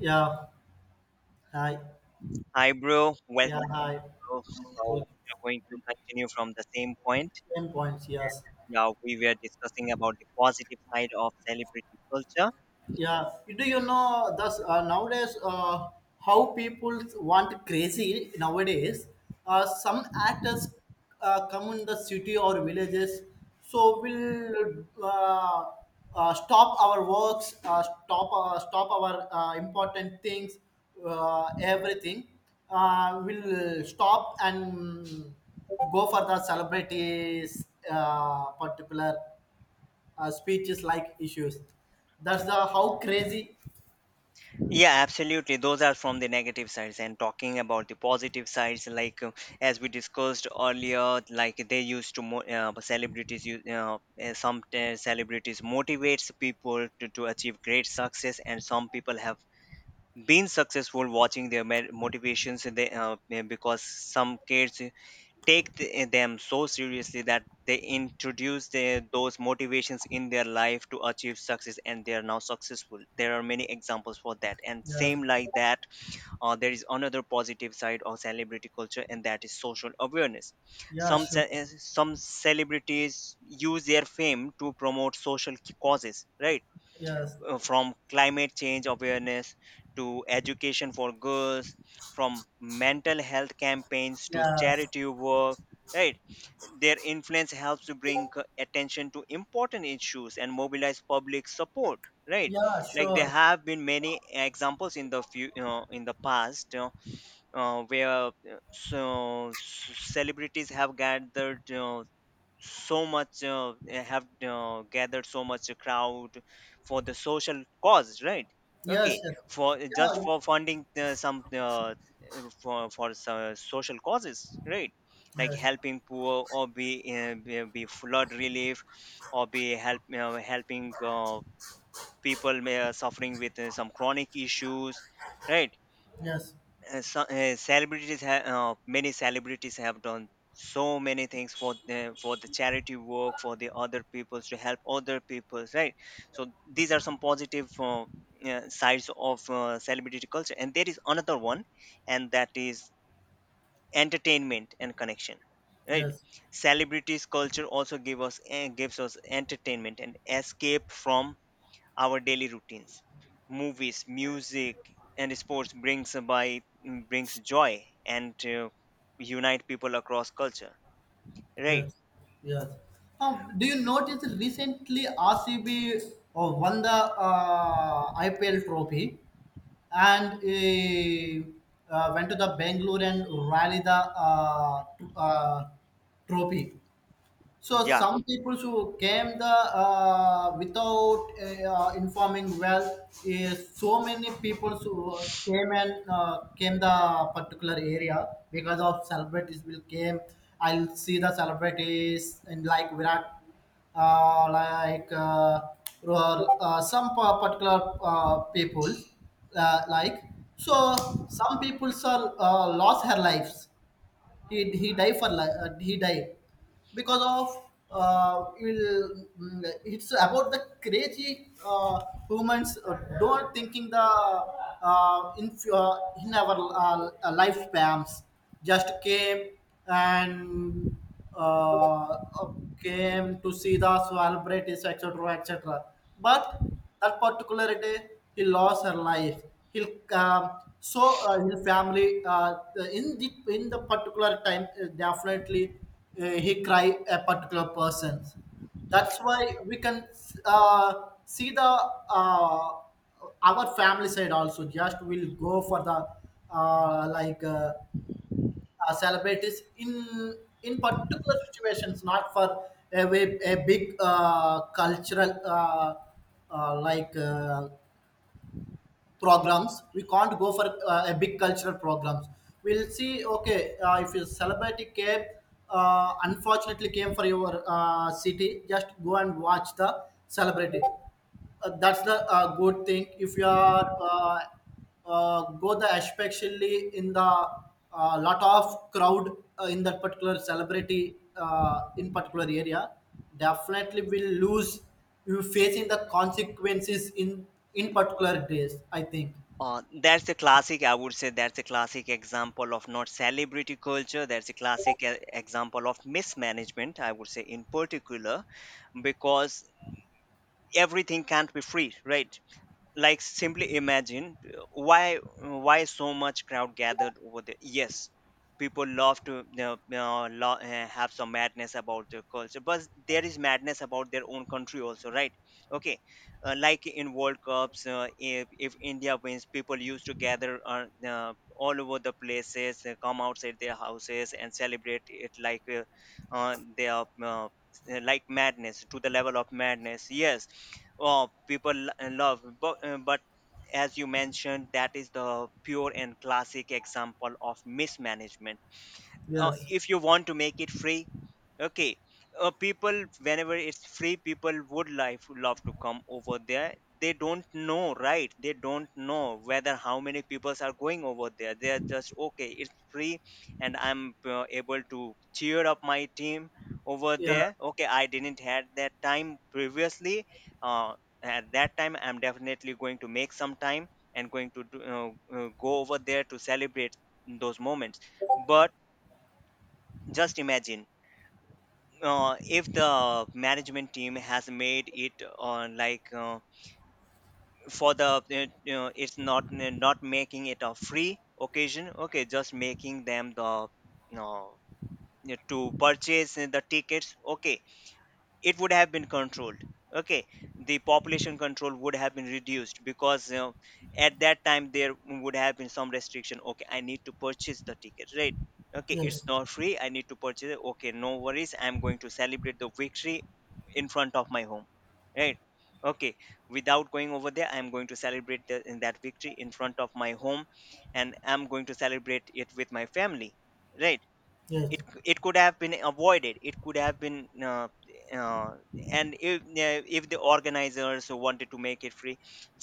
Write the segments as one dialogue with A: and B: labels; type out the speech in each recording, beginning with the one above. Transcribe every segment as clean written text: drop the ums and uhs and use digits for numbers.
A: Yeah, hi.
B: Hi, bro.
A: Yeah,
B: Welcome,
A: hi.
B: bro. So,
A: Good.
B: we are going to continue from the same point.
A: Ten points, yes.
B: Yeah, we were discussing about the positive side of celebrity culture.
A: Yeah, do you know thus nowadays how people want crazy nowadays, some actors come in the city or villages, so will stop our works, stop stop our important things, everything will stop and go for the celebrities particular speeches like issues. That's the how crazy.
B: Yeah, absolutely. Those are from the negative sides. And talking about the positive sides, like as we discussed earlier, like they used to celebrities, use, some celebrities motivates people to achieve great success, and some people have been successful watching their motivations. They Because some kids take them so seriously that they introduce their, those motivations in their life to achieve success, and they are now successful. There are many examples for that, and
A: Yes.
B: same like that. There is another positive side of celebrity culture, and that is social awareness.
A: Yeah. Sure.
B: Some celebrities use their fame to promote social causes, right?
A: Yes.
B: From climate change awareness to education for girls, from mental health campaigns to
A: Yes.
B: charity work, right? Their influence helps to bring attention to important issues and mobilize public support, right?
A: Yeah.
B: Like there
A: Sure.
B: have been many examples in the few, in the past, where so celebrities have gathered so much eh, have gathered so much crowd for the social cause, right?
A: Yes.
B: Okay,
A: Yes.
B: for just
A: Yeah.
B: for funding some for social causes, right? Like
A: Yes.
B: helping poor, or be be flood relief, or be help helping people may, are suffering with some chronic issues, right?
A: Yes.
B: So, celebrities have many celebrities have done so many things for the charity work for the other peoples to help other peoples, right? So these are some positive sides of celebrity culture, and there is another one, and that is entertainment and connection, right?
A: Yes.
B: Celebrities culture also give us gives us entertainment and escape from our daily routines. Movies, music, and sports brings by brings joy and unite people across culture. Right?
A: Yes. Yes. Do you notice that recently RCB won the IPL trophy and went to the Bangalore and rally the trophy? So
B: Yeah.
A: some people who came the without informing well is so many people who came and came the particular area because of celebrities will came. I'll see the celebrities and like Virat, like or, some particular people like, so some people are lost her lives. He died for he died because of it's about the crazy humans don't thinking the uh, in uh, in our life spams, just came and uh, uh, came to see the celebrities etc etc, but that particular day he lost her life. He'll So his family in the particular time definitely, he cry a particular person. That's why we can uh, see the uh, our family side also just will go for the uh, like uh, celebrities in particular situations, not for a, a big cultural uh, like uh, programs. We can't go for a big cultural programs. We'll see. Okay, if you celebrity came, unfortunately came for your city, just go and watch the celebrity. That's the good thing. If you are go the, especially in the lot of crowd in that particular celebrity in particular area, definitely will lose, you facing the consequences in particular days, I think.
B: That's the classic. I would say that's a classic example of not celebrity culture. That's a classic example of mismanagement, I would say, in particular, because everything can't be free, right? Like simply imagine, why so much crowd gathered over there. Yes, people love to, have some madness about their culture, but there is madness about their own country also, right? Okay. Like in World Cups, if India wins, people used to gather all over the places, come outside their houses and celebrate it, like they are like madness to the level of madness. Yes. Oh, people love. But as you mentioned, that is the pure and classic example of mismanagement.
A: Yes.
B: If you want to make it free, okay, people whenever it's free, people would life love to come over there. They don't know, right? They don't know whether how many people are going over there. They are just okay, it's free. And I'm able to cheer up my team over
A: Yeah.
B: there. Okay, I didn't had that time previously. uh, at that time, I'm definitely going to make some time and going to do, go over there to celebrate those moments. But just imagine, if the management team has made it like for the, it's not making it a free occasion. Okay, just making them the, you know, to purchase the tickets. Okay, it would have been controlled. Okay, the population control would have been reduced because, at that time there would have been some restriction. Okay, I need to purchase the ticket, right? Okay, it's
A: Yes.
B: not free, I need to purchase it. Okay, no worries, I'm going to celebrate the victory in front of my home, right? Okay, without going over there, I'm going to celebrate the, in that victory, in front of my home, and I'm going to celebrate it with my family, right? it
A: Yes.
B: c- it could have been avoided, it could have been uh, uh, and if the organizers wanted to make it free,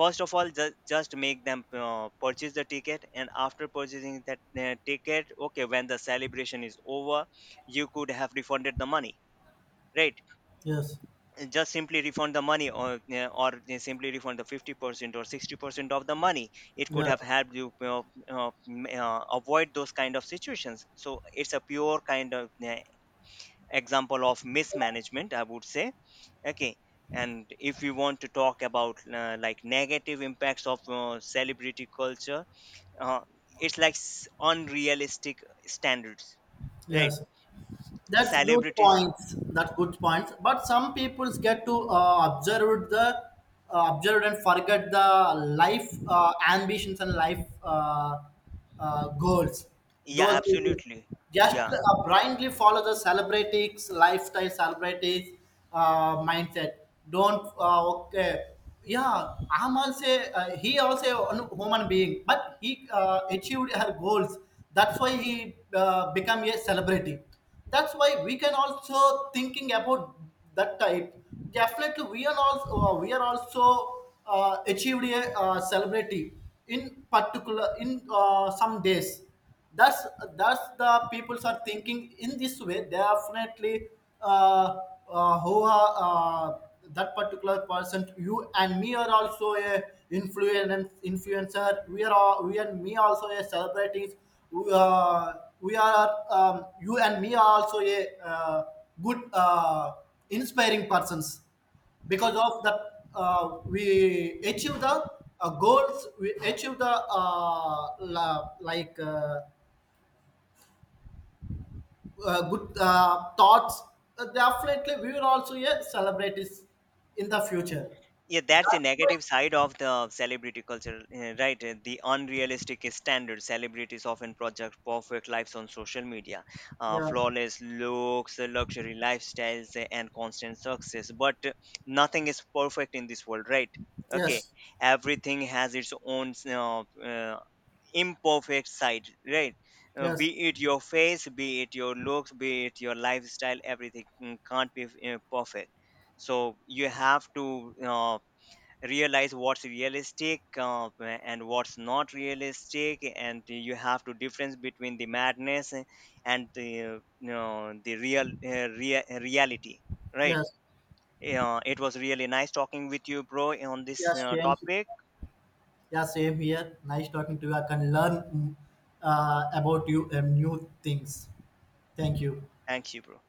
B: first of all just make them purchase the ticket, and after purchasing that ticket, okay, when the celebration is over, you could have refunded the money, right?
A: Yes.
B: And just simply refund the money, or they simply refund the 50% or 60% of the money. It could have
A: Yes.
B: helped you avoid those kind of situations. So it's a pure kind of uh, example of mismanagement, I would say. Okay, and if we want to talk about like negative impacts of celebrity culture, uh, it's like unrealistic standards, right?
A: Yes. That's good
B: Celebrities,
A: points. That's good points. But some people get to observe the, observe and forget the life ambitions and life goals.
B: yeah,
A: Those people
B: absolutely.
A: just
B: Yeah,
A: blindly follow the celebrities lifestyle, celebrities mindset. Don't okay. Yeah, I'm also he also a human being, but he achieved her goals. That's why he became a celebrity. That's why we can also thinking about that type. Definitely we are also achieved a celebrity in particular in some days. that's that's the peoples are thinking in this way. They are definitely uh, who are that particular person. You and me are also a influencer we are all, we and me also a celebrities. We, we are you and me are also a good inspiring persons. Because of that we achieve the goals. We achieve the good thoughts. Definitely we will also, yeah, celebrate this in the future.
B: yeah, that's the negative side of the celebrity culture. Right. The unrealistic standards, celebrities often project perfect lives on social media,
A: Yeah.
B: flawless looks, luxury lifestyles, and constant success. But nothing is perfect in this world, right? Okay,
A: Yes.
B: everything has its own imperfect side, right? Be
A: Yes.
B: it your face, be it your looks, be it your lifestyle, everything can't be perfect. So you have to realize what's realistic and what's not realistic, and you have to difference between the madness and the you know the real reality, right?
A: Yes.
B: It was really nice talking with you, bro, on this
A: Yes. Same.
B: topic.
A: Yeah. Same here. Nice talking to you. I can learn about you and new things. Thank you.
B: Thank you, bro.